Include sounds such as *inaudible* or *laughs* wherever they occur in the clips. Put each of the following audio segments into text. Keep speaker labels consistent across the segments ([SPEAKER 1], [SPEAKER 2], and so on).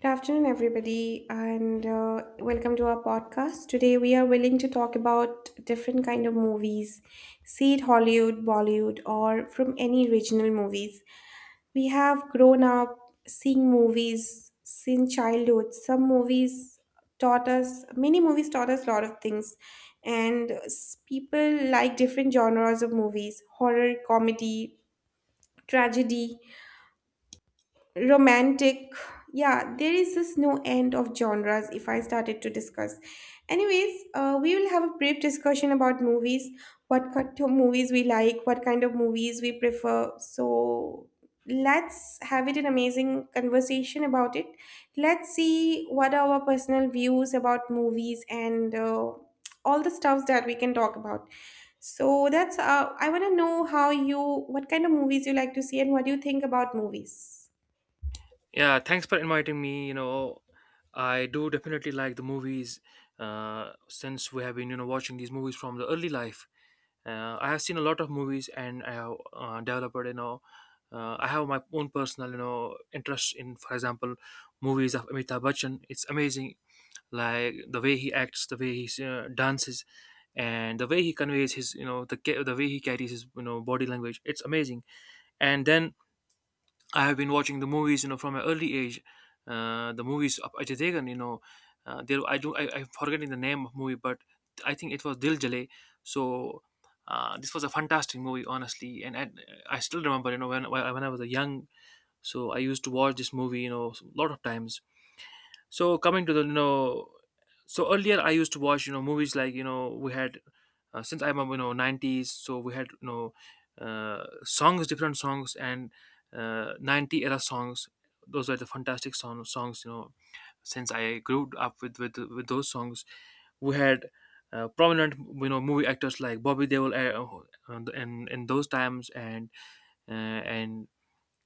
[SPEAKER 1] Good afternoon, everybody, and welcome to our podcast. Today, we are willing to talk about different kind of movies, see it Hollywood, Bollywood, or from any regional movies. We have grown up seeing movies since childhood. Some movies taught us, many movies taught us a lot of things, and people like different genres of movies: horror, comedy, tragedy, romantic. Yeah, there is this no end of genres if I started to discuss. Anyways, we will have a brief discussion about movies, what kind of movies we like, what kind of movies we prefer. So let's have it an amazing conversation about it. Let's see what are our personal views about movies, and all the stuffs that we can talk about. So that's, I want to know how you, what kind of movies you like to see and what do you think about movies?
[SPEAKER 2] Yeah, thanks for inviting me. I do definitely like the movies. Since we have been, watching these movies from the early life, I have seen a lot of movies, and I have developed, I have my own personal, interest in, for example, movies of Amitabh Bachchan. It's amazing, like the way he acts, the way he dances, and the way he conveys his, the way he carries his, body language. It's amazing. And then I have been watching the movies, from an early age. The movies of Ajay Degan, there I'm forgetting the name of movie, but I think it was Dil Jale. So this was a fantastic movie, honestly, and I still remember, when I was a young, so I used to watch this movie, a lot of times. So coming to the, so earlier I used to watch movies like we had, since I'm a 90s, so we had songs, different songs, and 90 era songs. Those were the fantastic songs. Since I grew up with those songs, we had prominent movie actors like Bobby Deol, in those times, and uh, and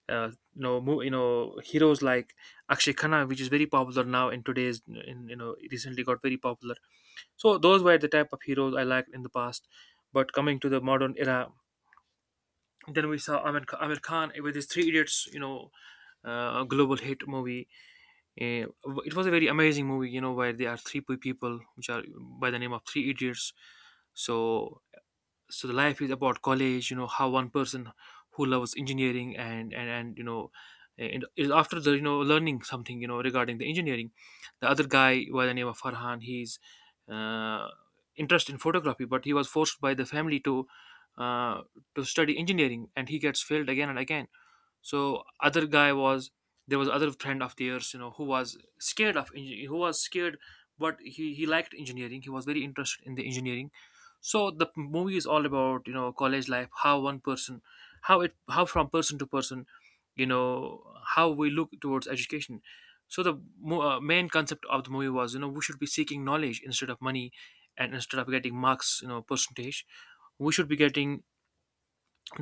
[SPEAKER 2] uh, you know heroes like Akshay Khanna, which is very popular now in today's in, recently got very popular. So those were the type of heroes I liked in the past, but coming to the modern era, then we saw Amir Khan with his Three Idiots, global hit movie. Eh, it was a very amazing movie, you know, where there are people which are by the name of Three Idiots. So so the life is about college, you know, how one person who loves engineering, and you know, and is after the, you know, learning something, you know, regarding the engineering. The other guy, by the name of Farhan, he's uh, interested in photography, but he was forced by the family to, uh, to study engineering, and he gets failed again and again. So other guy was, there was other friend of theirs, you know, who was who was scared, but he liked engineering, he was very interested in the engineering. So the movie is all about, you know, college life, how one person, how it, how from person to person, you know, how we look towards education. So the main concept of the movie was, you know, we should be seeking knowledge instead of money, and instead of getting marks, you know, percentage, we should be getting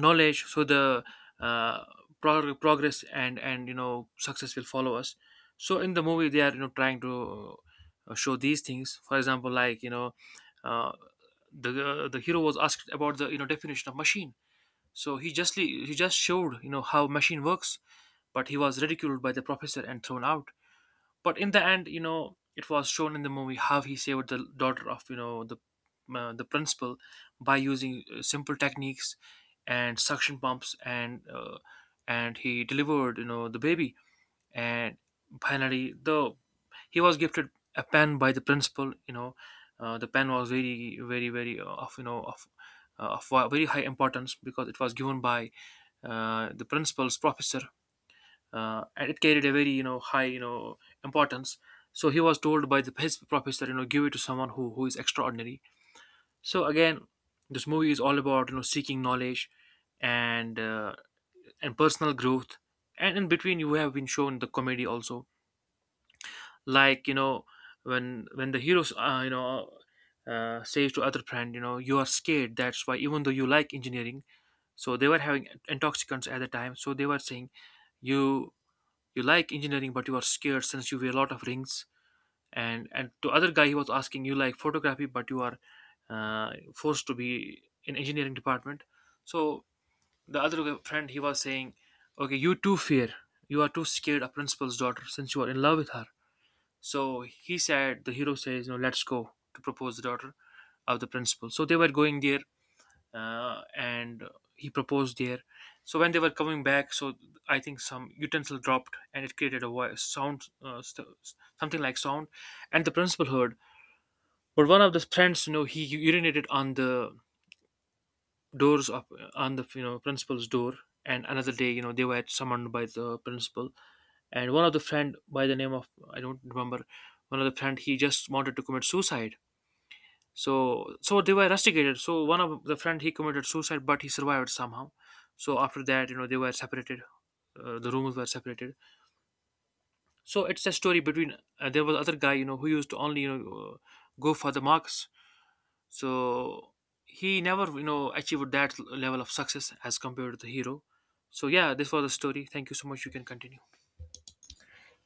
[SPEAKER 2] knowledge. So the, uh, progress and, you know, success will follow us. So in the movie they are, you know, trying to, show these things, for example, like, you know uh, the hero was asked about the, you know, definition of machine. So he just showed, you know, how machine works, but he was ridiculed by the professor and thrown out. But in the end, you know, it was shown in the movie how he saved the daughter of, you know, the, the principal by using simple techniques and suction pumps, and he delivered, you know, the baby. And finally, though, he was gifted a pen by the principal. You know, the pen was very, of you know of very high importance, because it was given by, the principal's professor, and it carried a very, you know, high, you know, importance. So he was told by his prophets that, you know, give it to someone who is extraordinary. So again, this movie is all about, you know, seeking knowledge and, and personal growth. And in between, you have been shown the comedy also, like, you know, when the heroes, says to other friend, you know, you are scared, that's why, even though you like engineering. So they were having intoxicants at the time, so they were saying, you you like engineering but you are scared since you wear a lot of rings. And to other guy he was asking, you like photography but you are, forced to be in engineering department. So the other friend he was saying, okay you too fear, you are too scared of principal's daughter since you are in love with her. So he said, the hero says, no, let's go to propose the daughter of the principal. So they were going there, and he proposed there. So when they were coming back, so I think some utensil dropped and it created a voice sound, something like sound, and the principal heard. But one of the friends, you know, he urinated on the doors of, on the, you know, principal's door. And another day, you know, they were summoned by the principal, and one of the friend by the name of, I don't remember, one of the friend he just wanted to commit suicide. So so they were rusticated. So one of the friend he committed suicide, but he survived somehow. So after that, you know, they were separated. The rooms were separated. So it's a story between. There was other guy, you know, who used to only, go for the marks. So he never, you know, achieved that level of success as compared to the hero. So yeah, this was the story. Thank you so much. You can continue.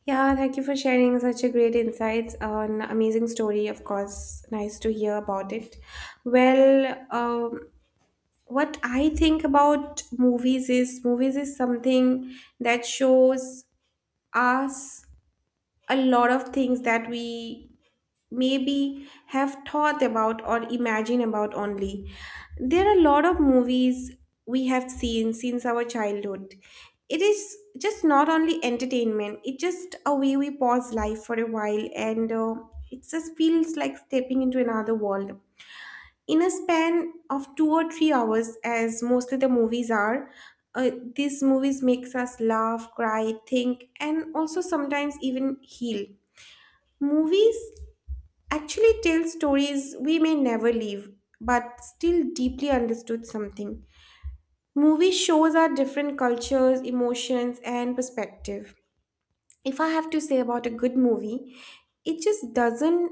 [SPEAKER 1] Yeah, thank you for sharing such a great insights on amazing story. Of course, nice to hear about it. Well, what I think about movies is something that shows us a lot of things that we maybe have thought about or imagine about only. There are a lot of movies we have seen since our childhood. It is just not only entertainment, it's just a way we pause life for a while, and it just feels like stepping into another world. In a span of 2 or 3 hours, as mostly the movies are, these movies makes us laugh, cry, think, and also sometimes even heal. Movies actually tell stories we may never leave, but still deeply understood something. Movie shows our different cultures, emotions, and perspective. If I have to say about a good movie, it just doesn't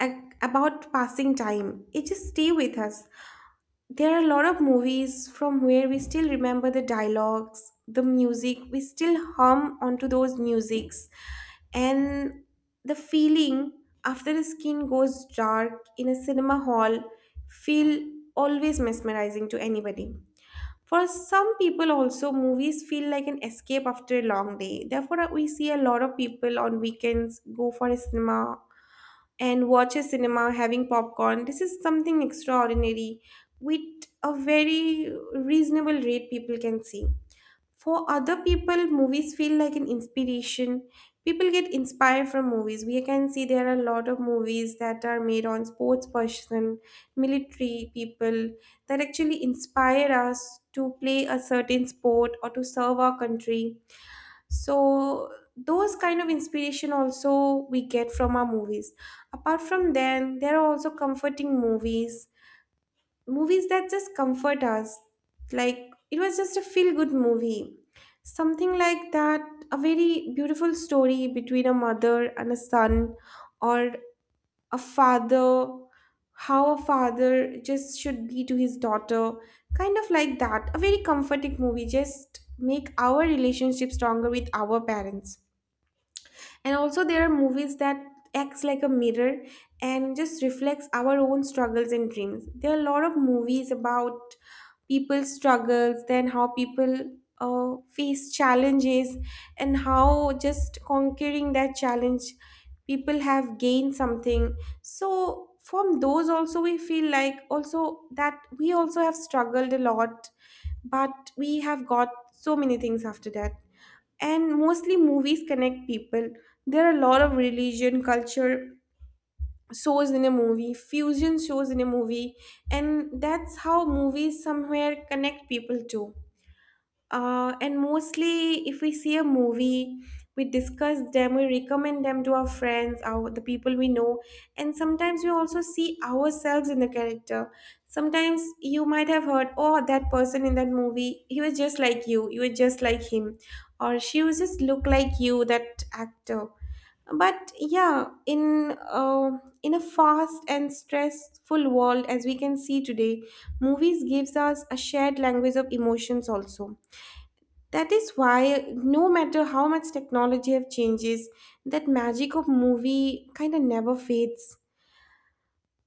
[SPEAKER 1] about passing time. It just stay with us. There are a lot of movies from where we still remember the dialogues, the music, we still hum onto those musics, and the feeling after the skin goes dark in a cinema hall feel always mesmerizing to anybody. For some people also, movies feel like an escape after a long day. Therefore, we see a lot of people on weekends go for a cinema and watch a cinema having popcorn. This is something extraordinary with a very reasonable rate, people can see. For other people, movies feel like an inspiration. People get inspired from movies. We can see there are a lot of movies that are made on sports person, military people, that actually inspire us to play a certain sport or to serve our country. So those kind of inspiration also we get from our movies. Apart from them, there are also comforting movies, movies that just comfort us, like it was just a feel good movie, something like that, a very beautiful story between a mother and a son, or a father, how a father just should be to his daughter. Kind of like that, a very comforting movie just make our relationship stronger with our parents. And also there are movies that acts like a mirror and just reflects our own struggles and dreams. There are a lot of movies about people's struggles, then how people face challenges, and how just conquering that challenge people have gained something. So from those also we feel like also that we also have struggled a lot, but we have got so many things after that. And mostly movies connect people. There are a lot of religion culture shows in a movie, fusion shows in a movie, and that's how movies somewhere connect people too. And mostly, if we see a movie, we discuss them, we recommend them to our friends, our the people we know, and sometimes we also see ourselves in the character. Sometimes you might have heard, "Oh, that person in that movie, he was just like you. You were just like him, or she was just look like you, that actor." But yeah, uh, in a fast and stressful world as we can see today, movies gives us a shared language of emotions also. That is why no matter how much technology have changes, that magic of movie kind of never fades.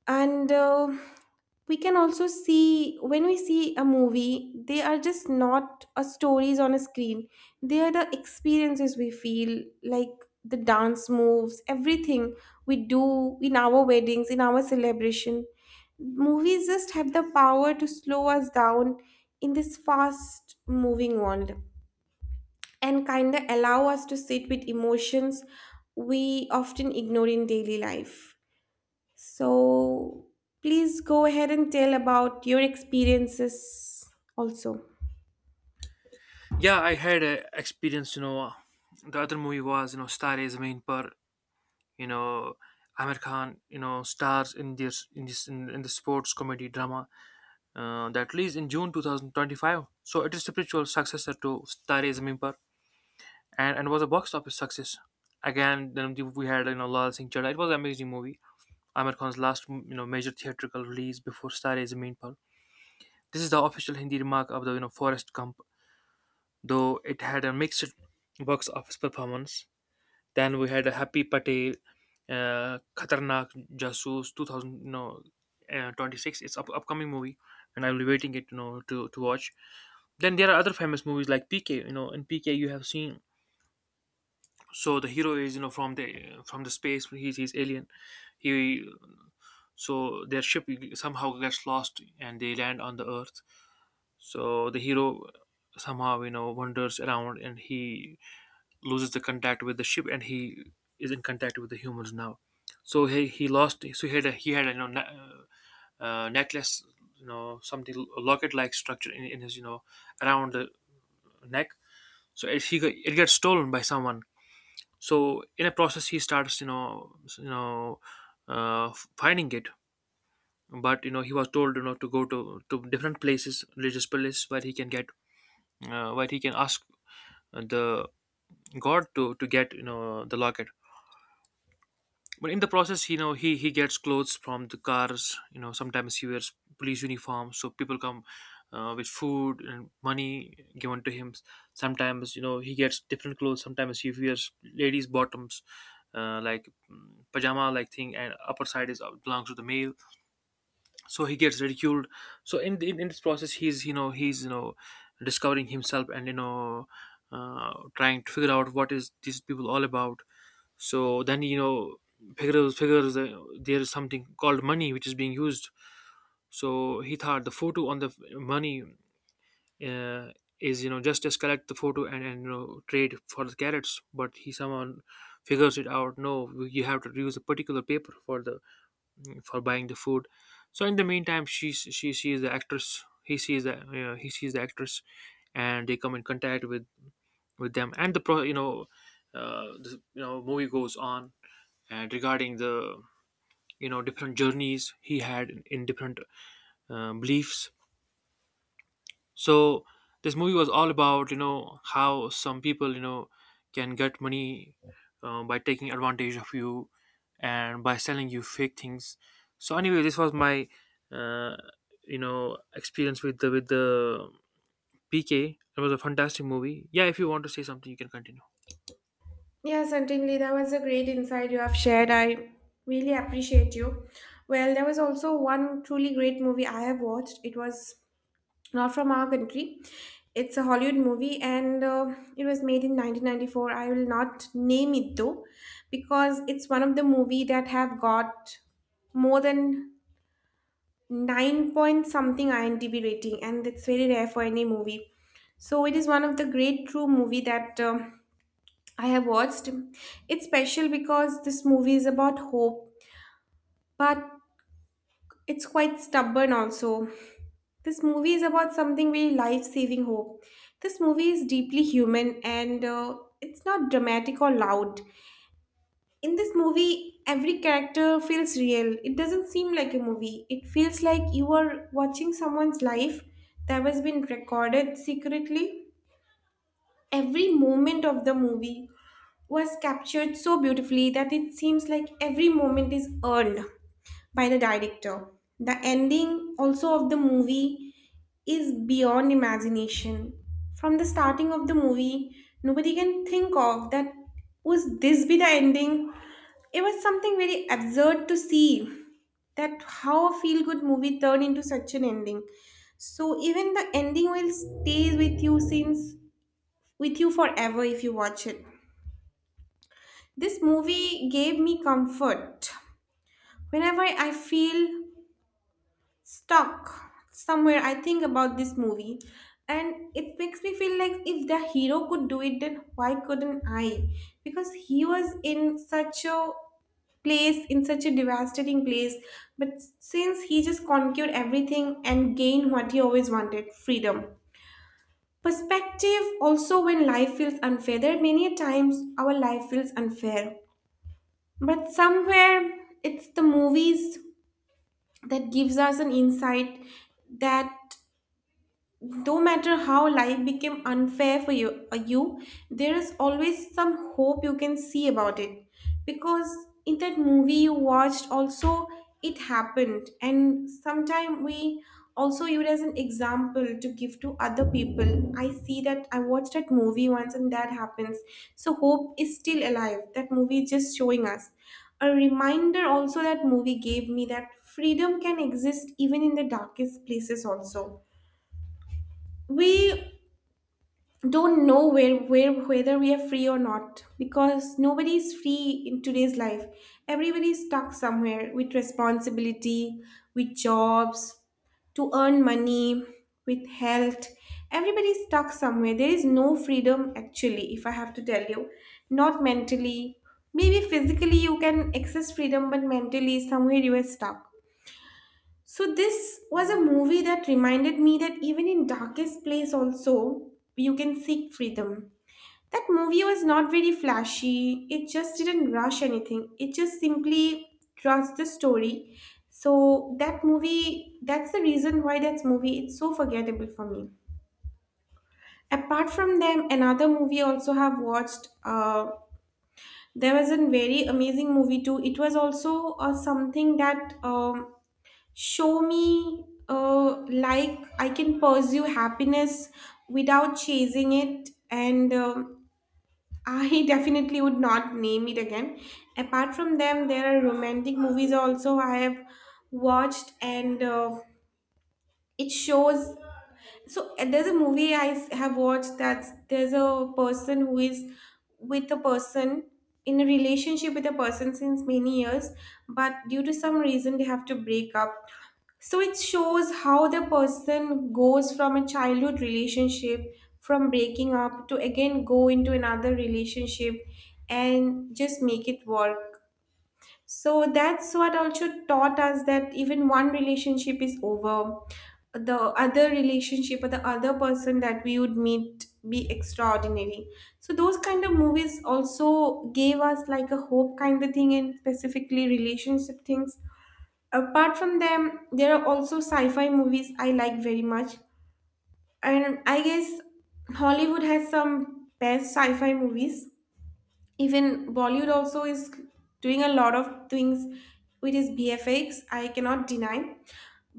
[SPEAKER 1] And we can also see when we see a movie, they are just not a stories on a screen. They are the experiences we feel, like the dance moves, everything we do in our weddings, in our celebration. Movies just have the power to slow us down in this fast moving world and kind of allow us to sit with emotions we often ignore in daily life. So, please go ahead and tell about your experiences also.
[SPEAKER 2] Yeah, I had a experience. You know, the other movie was, you know, Star Is Main Par. You know, Amir Khan, you know, stars in in the sports comedy drama that released in June 2025. So it is spiritual successor to Tare Zameen Par, and was a box office success. Again, then we had, you know, Lal Singh Chadha. It was an amazing movie. Amir Khan's last, you know, major theatrical release before Tare Zameen Par. This is the official Hindi remark of the, you know, Forest Gump, though it had a mixed box office performance. Then we had Happy Patel, Khatarnak Jasoos 2000, you know, 26. It's upcoming movie, and I'll be waiting it, you know, to watch. Then there are other famous movies like PK. You know, in PK you have seen. So the hero is, you know, from the, from the space. He's alien. He, so their ship somehow gets lost and they land on the Earth. So the hero somehow, you know, wanders around and he loses the contact with the ship, and he is in contact with the humans now. So he lost. So he had a, you know, necklace, you know, something locket like structure in his, you know, around the neck. So it, it gets stolen by someone. So in a process, he starts, you know, finding it. But, you know, he was told, you know, to go to different places, religious places, where he can get, where he can ask the god to get, you know, the locket. But in the process, you know, he gets clothes from the cars. You know, sometimes he wears police uniform, so people come with food and money given to him. Sometimes, you know, he gets different clothes. Sometimes he wears ladies' bottoms, pajama like thing, and upper side is, belongs to the male. So he gets ridiculed. So in, in this process, he's he's discovering himself and trying to figure out what is these people all about. So then you know figures figures there is something called money which is being used. So he thought the photo on the money uh, is just as collect the photo and trade for the carrots, but he somehow figures it out. No, you have to use a particular paper for the for buying the food. So in the meantime, she sees the actress he sees the he sees the actress and they come in contact with them. And the pro you know the movie goes on, and regarding the different journeys he had in different beliefs. So this movie was all about how some people can get money by taking advantage of you and by selling you fake things. So anyway, this was my uh, experience with the PK. It was a fantastic movie. Yeah, if you want to say something, you can continue.
[SPEAKER 1] Yeah, certainly. That was a great insight you have shared. I really appreciate you. Well, there was also one truly great movie I have watched. It was not from our country. It's a Hollywood movie, and it was made in 1994. I will not name it though, because it's one of the movie that have got more than 9 point something IMDb rating, and that's very rare for any movie. So it is one of the great true movie that I have watched. It's special because this movie is about hope, but it's quite stubborn also. This movie is about something very life saving hope. This movie is deeply human, and it's not dramatic or loud. In this movie, every character feels real. It doesn't seem like a movie, it feels like you are watching someone's life that has been recorded secretly. Every moment of the movie was captured so beautifully that it seems like every moment is earned by the director. The ending also of the movie is beyond imagination. From the starting of the movie, nobody can think of that, would this be the ending? It was something very absurd to see that how a feel good movie turned into such an ending. So even the ending will stay with you since with you forever if you watch it. This movie gave me comfort. Whenever I feel stuck somewhere, I think about this movie, and it makes me feel like if the hero could do it, then why couldn't I? Because he was in such a place, in such a devastating place, but since he just conquered everything and gained what he always wanted, freedom. Perspective also, when life feels unfair, there are many a times our life feels unfair, but somewhere it's the movies that gives us an insight that no matter how life became unfair for you, you, there is always some hope you can see about it. Because in that movie you watched, also it happened, and sometime we also use it as an example to give to other people. I see that I watched that movie once, and that happens. So hope is still alive. That movie is just showing us a reminder. Also, that movie gave me that freedom can exist even in the darkest places. Also, we don't know where, whether we are free or not, because nobody is free in today's life. Everybody is stuck somewhere, with responsibility, with jobs, to earn money, with health. Everybody is stuck somewhere. There is no freedom actually, if I have to tell you, not mentally. Maybe physically you can access freedom, but mentally somewhere you are stuck. So this was a movie that reminded me that even in darkest place also, you can seek freedom. That movie was not very flashy. It just didn't rush anything. It just simply trusts the story. So that movie, that's the reason why that movie it's so forgettable for me. Apart from them, another movie also have watched. There was a very amazing movie too. It was also, something that, show me, like I can pursue happiness without chasing it, and I *laughs* definitely would not name it again. Apart from them, there are romantic movies also I have watched, and it shows. So and there's a movie I have watched, that's there's a person who is with a person in a relationship with a person since many years, but due to some reason they have to break up. So it shows how the person goes from a childhood relationship, from breaking up to again go into another relationship and just make it work. So that's what also taught us that even one relationship is over, the other relationship or the other person that we would meet be extraordinary. So those kind of movies also gave us like a hope kind of thing, and specifically relationship things. Apart from them, there are also sci-fi movies I like very much. And I guess Hollywood has some best sci-fi movies. Even Bollywood also is doing a lot of things with its BFX. I cannot deny.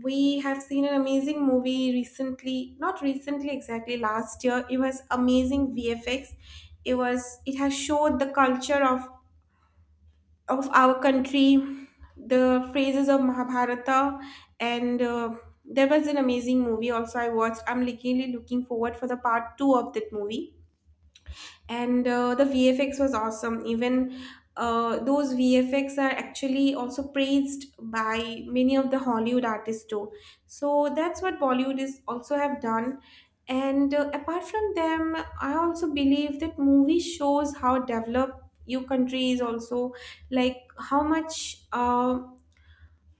[SPEAKER 1] We have seen an amazing movie recently, not recently exactly, last year. It was amazing VFX. It was it has showed the culture of our country, the phrases of Mahabharata, and there was an amazing movie also I watched. I'm literally looking forward for the part two of that movie and the VFX was awesome. Even those VFX are actually also praised by many of the Hollywood artists too. So that's what Bollywood is also have done. And Apart from them, I also believe that movie shows how developed your country is also, like how much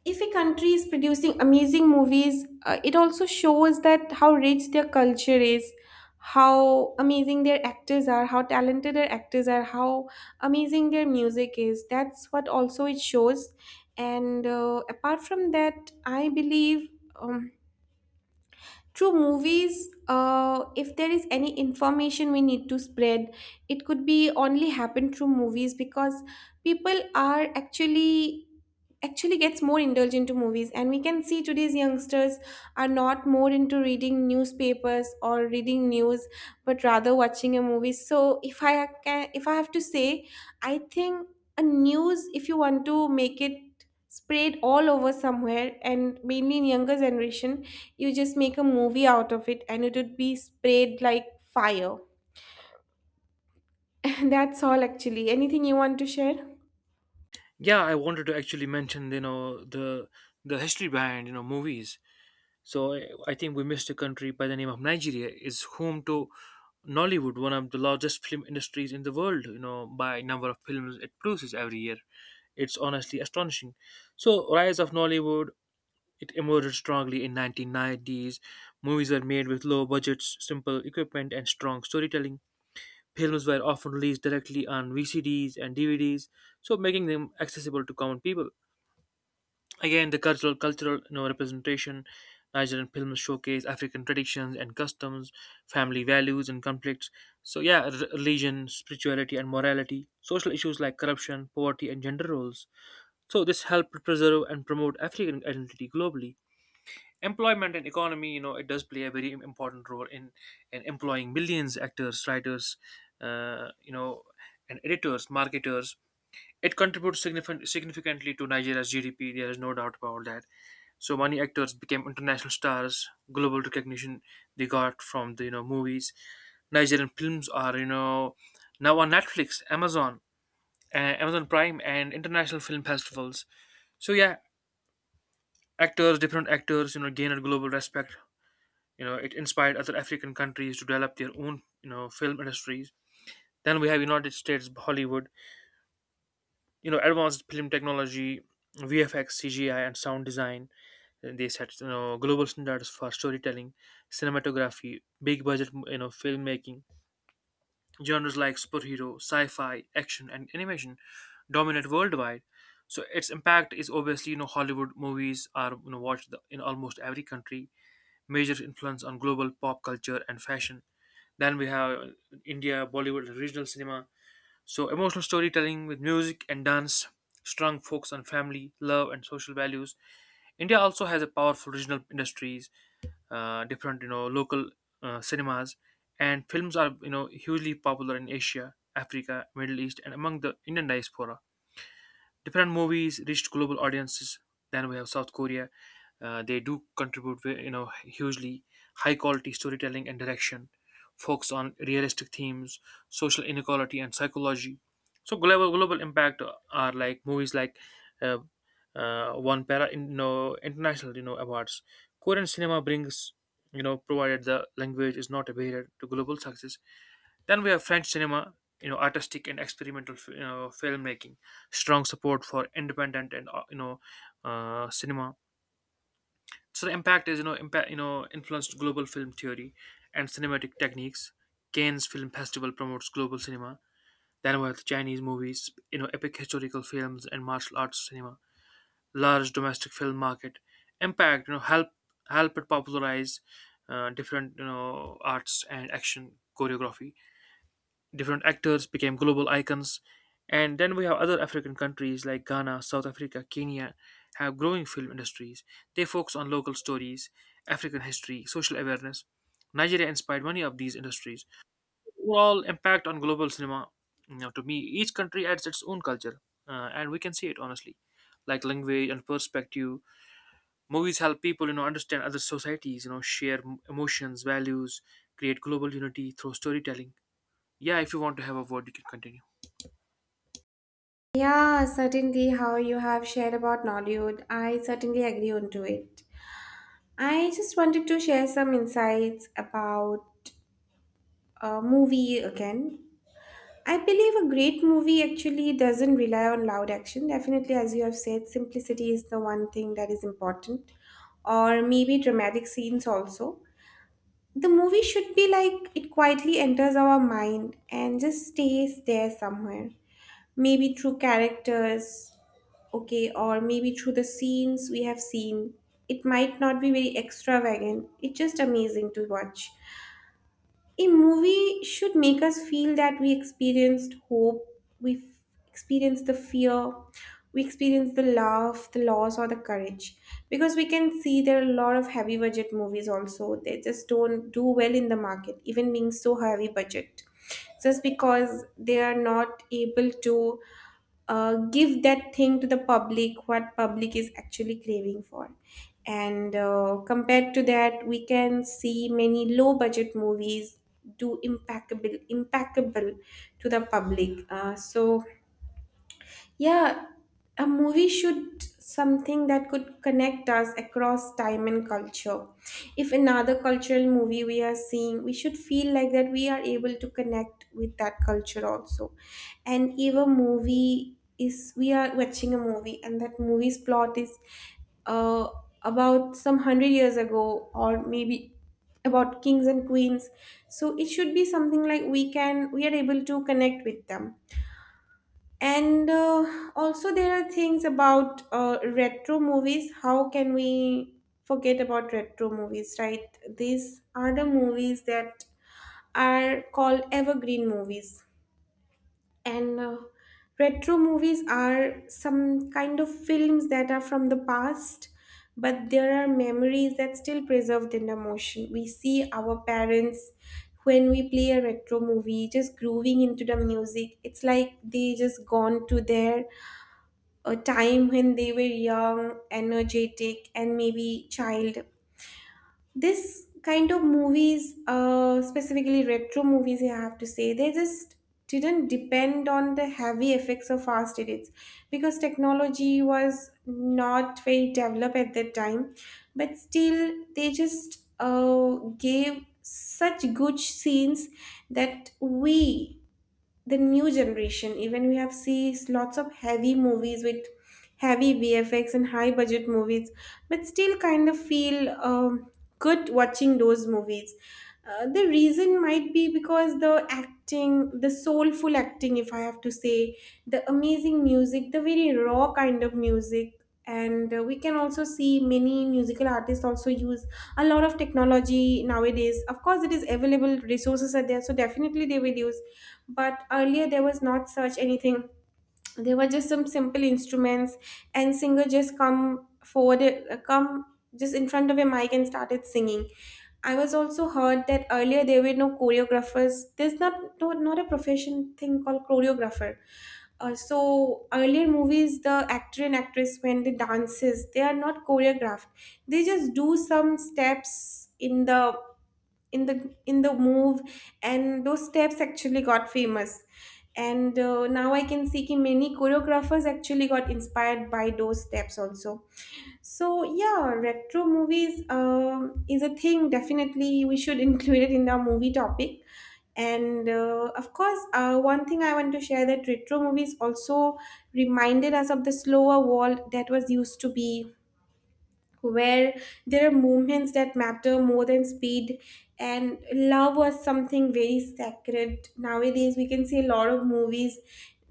[SPEAKER 1] if a country is producing amazing movies, it also shows that how rich their culture is, how amazing their actors are, how talented their actors are, how amazing their music is. That's what also it shows. And Apart from that, I believe um, through movies, if there is any information we need to spread, it could be only happen through movies because people are actually gets more indulged into movies, and we can see today's youngsters are not more into reading newspapers or reading news, but rather watching a movie. So if I can, if I have to say, I think a news, if you want to make it spread all over somewhere and mainly in younger generation, you just make a movie out of it and it would be spread like fire. *laughs* That's all. Actually, anything you want to share?
[SPEAKER 2] Yeah, I wanted to actually mention the history behind movies. So I think we missed a country by the name of Nigeria. Is home to Nollywood, one of the largest film industries in the world. You know, by number of films it produces every year, it's honestly astonishing. So rise of Nollywood, it emerged strongly in 1990s. Movies were made with low budgets, simple equipment, and strong storytelling. Films were often released directly on VCDs and DVDs, so making them accessible to common people. Again, the cultural you know, representation, Nigerian films showcase African traditions and customs, family values and conflicts. So yeah, religion, spirituality and morality, social issues like corruption, poverty and gender roles. So this helped preserve and promote African identity globally. Employment and economy, you know, it does play a very important role in employing millions actors, writers, uh, you know, and editors, marketers. It contributes significantly to Nigeria's GDP. There is no doubt about that. So many actors became international stars. Global recognition they got from the movies. Nigerian films are now on Netflix, Amazon, Amazon Prime, and international film festivals. So yeah, actors, different actors, you know, gained global respect. You know, it inspired other African countries to develop their own film industries. Then we have United States Hollywood, advanced film technology, VFX, CGI, and sound design, and they set global standards for storytelling, cinematography, big budget filmmaking. Genres like superhero, sci-fi, action, and animation dominate worldwide. So its impact is obviously, Hollywood movies are watched in almost every country. Major influence on global pop culture and fashion. Then we have India, Bollywood, and regional cinema. So, emotional storytelling with music and dance, strong focus on family, love, and social values. India also has a powerful regional industries, different local cinemas, and films are hugely popular in Asia, Africa, Middle East, and among the Indian diaspora. Different movies reached global audiences. Then we have South Korea. They do contribute, hugely. High quality storytelling and direction, focus on realistic themes, social inequality and psychology. So global impact are like movies like uh, one para in, you know, international you know awards. Korean cinema brings provided the language is not a barrier to global success. Then we have French cinema, you know, artistic and experimental, you know, filmmaking, strong support for independent and cinema. So the impact is impact, influenced global film theory and cinematic techniques. Cannes Film Festival promotes global cinema. Then we have Chinese movies, you know, epic historical films and martial arts cinema. Large domestic film market impact, you know, help it popularize different arts and action choreography. Different actors became global icons. And then we have other African countries like Ghana, South Africa, Kenya have growing film industries. They focus on local stories, African history, social awareness. Nigeria inspired many of these industries. Overall impact on global cinema, you know, to me, each country adds its own culture, and we can see it honestly, like language and perspective. Movies help people, you know, understand other societies, you know, share emotions, values, create global unity through storytelling. Yeah, if you want to have a word, you can continue.
[SPEAKER 1] Yeah, certainly how you have shared about Nollywood, I certainly agree on to it. I just wanted to share some insights about a movie again. I believe a great movie actually doesn't rely on loud action. Definitely, as you have said, simplicity is the one thing that is important, or maybe dramatic scenes also. The movie should be like it quietly enters our mind and just stays there somewhere. Maybe through characters, okay, or maybe through the scenes we have seen. It might not be very extravagant, it's just amazing to watch. A movie should make us feel that we experienced hope, we experienced the fear, we experienced the love, the loss, or the courage. Because we can see there are a lot of heavy budget movies also, they just don't do well in the market even being so heavy budget, just because they are not able to give that thing to the public what public is actually craving for. And compared to that, we can see many low budget movies do impeccable impeccable to the public. So yeah, a movie should something that could connect us across time and culture. If another cultural movie we are seeing, we should feel like that we are able to connect with that culture also. And if a movie is, we are watching a movie and that movie's plot is uh, about some hundred years ago, or maybe about kings and queens, so it should be something like we can, we are able to connect with them. And also, there are things about retro movies. How can we forget about retro movies, right? These are the movies that are called evergreen movies. And Retro movies are some kind of films that are from the past, but there are memories that still preserved in the motion. We see our parents, when we play a retro movie, just grooving into the music. It's like they just gone to their a time when they were young, energetic, and maybe child. This kind of movies, specifically retro movies, I have to say, they just didn't depend on the heavy effects or fast edits because technology was not very developed at that time. But still, they just gave such good scenes that we, the new generation, even we have seen lots of heavy movies with heavy vfx and high budget movies, but still kind of feel good watching those movies. The reason might be because the acting, the soulful acting, if I have to say, the amazing music, the very raw kind of music. And we can also see many musical artists also use a lot of technology nowadays. Of course, it is available, resources are there, so definitely they will use. But earlier there was not such anything, there were just some simple instruments, and singer just come forward, come just in front of a mic and started singing. I was also heard that earlier there were no choreographers, there's not, no, not a profession thing called choreographer. So earlier movies, the actor and actress when they dances, they are not choreographed. They just do some steps in the in the move, and those steps actually got famous. And now I can see ki many choreographers actually got inspired by those steps also. So yeah, retro movies, is a thing definitely we should *laughs* include it in the movie topic. And of course, one thing I want to share, that retro movies also reminded us of the slower world that was used to be, where there are moments that matter more than speed, and love was something very sacred. Nowadays we can see a lot of movies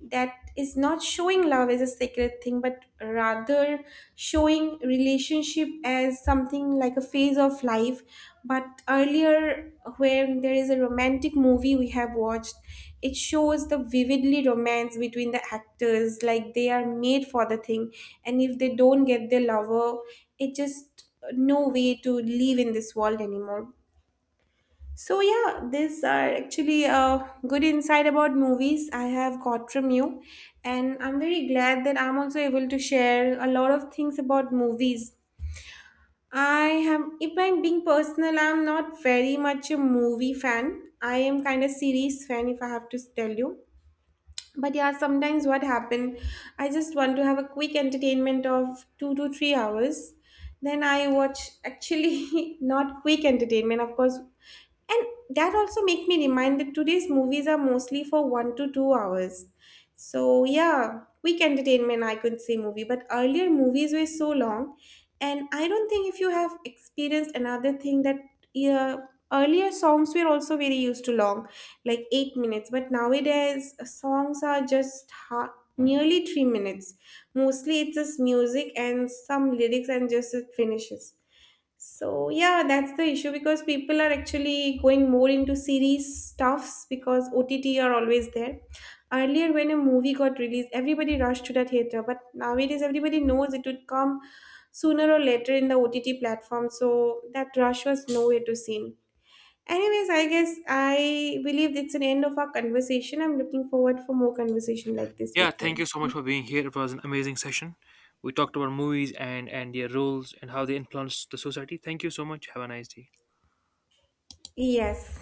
[SPEAKER 1] that is not showing love as a sacred thing, but rather showing relationship as something like a phase of life. But earlier, when there is a romantic movie we have watched, it shows the vividly romance between the actors, like they are made for the thing, and if they don't get their lover, it just, no way to live in this world anymore. So yeah, these are actually a good insight about movies I have got from you, and I'm very glad that I'm also able to share a lot of things about movies. I am, if I'm being personal, I'm not very much a movie fan. I am kind of series fan, if I have to tell you. But yeah, sometimes what happen, I just want to have a quick entertainment of 2 to 3 hours. Then I watch, actually *laughs* not quick entertainment, of course. And that also make me remind that today's movies are mostly for 1 to 2 hours. So yeah, quick entertainment I could say movie, but earlier movies were so long, and I don't think if you have experienced another thing that, yeah, earlier songs were also very used to long, like 8 minutes. But nowadays, songs are just nearly 3 minutes. Mostly, it's just music and some lyrics, and just it finishes. So yeah, that's the issue because people are actually going more into series stuffs because OTT are always there. Earlier, when a movie got released, everybody rushed to the theater, but nowadays everybody knows it would come sooner or later in the OTT platform. So that rush was nowhere to seen. Anyways, I guess I believe it's an end of our conversation. I'm looking forward for more conversation like this
[SPEAKER 2] Yeah,
[SPEAKER 1] with
[SPEAKER 2] thank
[SPEAKER 1] you.
[SPEAKER 2] you so much for being here. It was an amazing session. We talked about movies and their roles and how they influence the society. Thank you so much. Have a nice day.
[SPEAKER 1] Yes.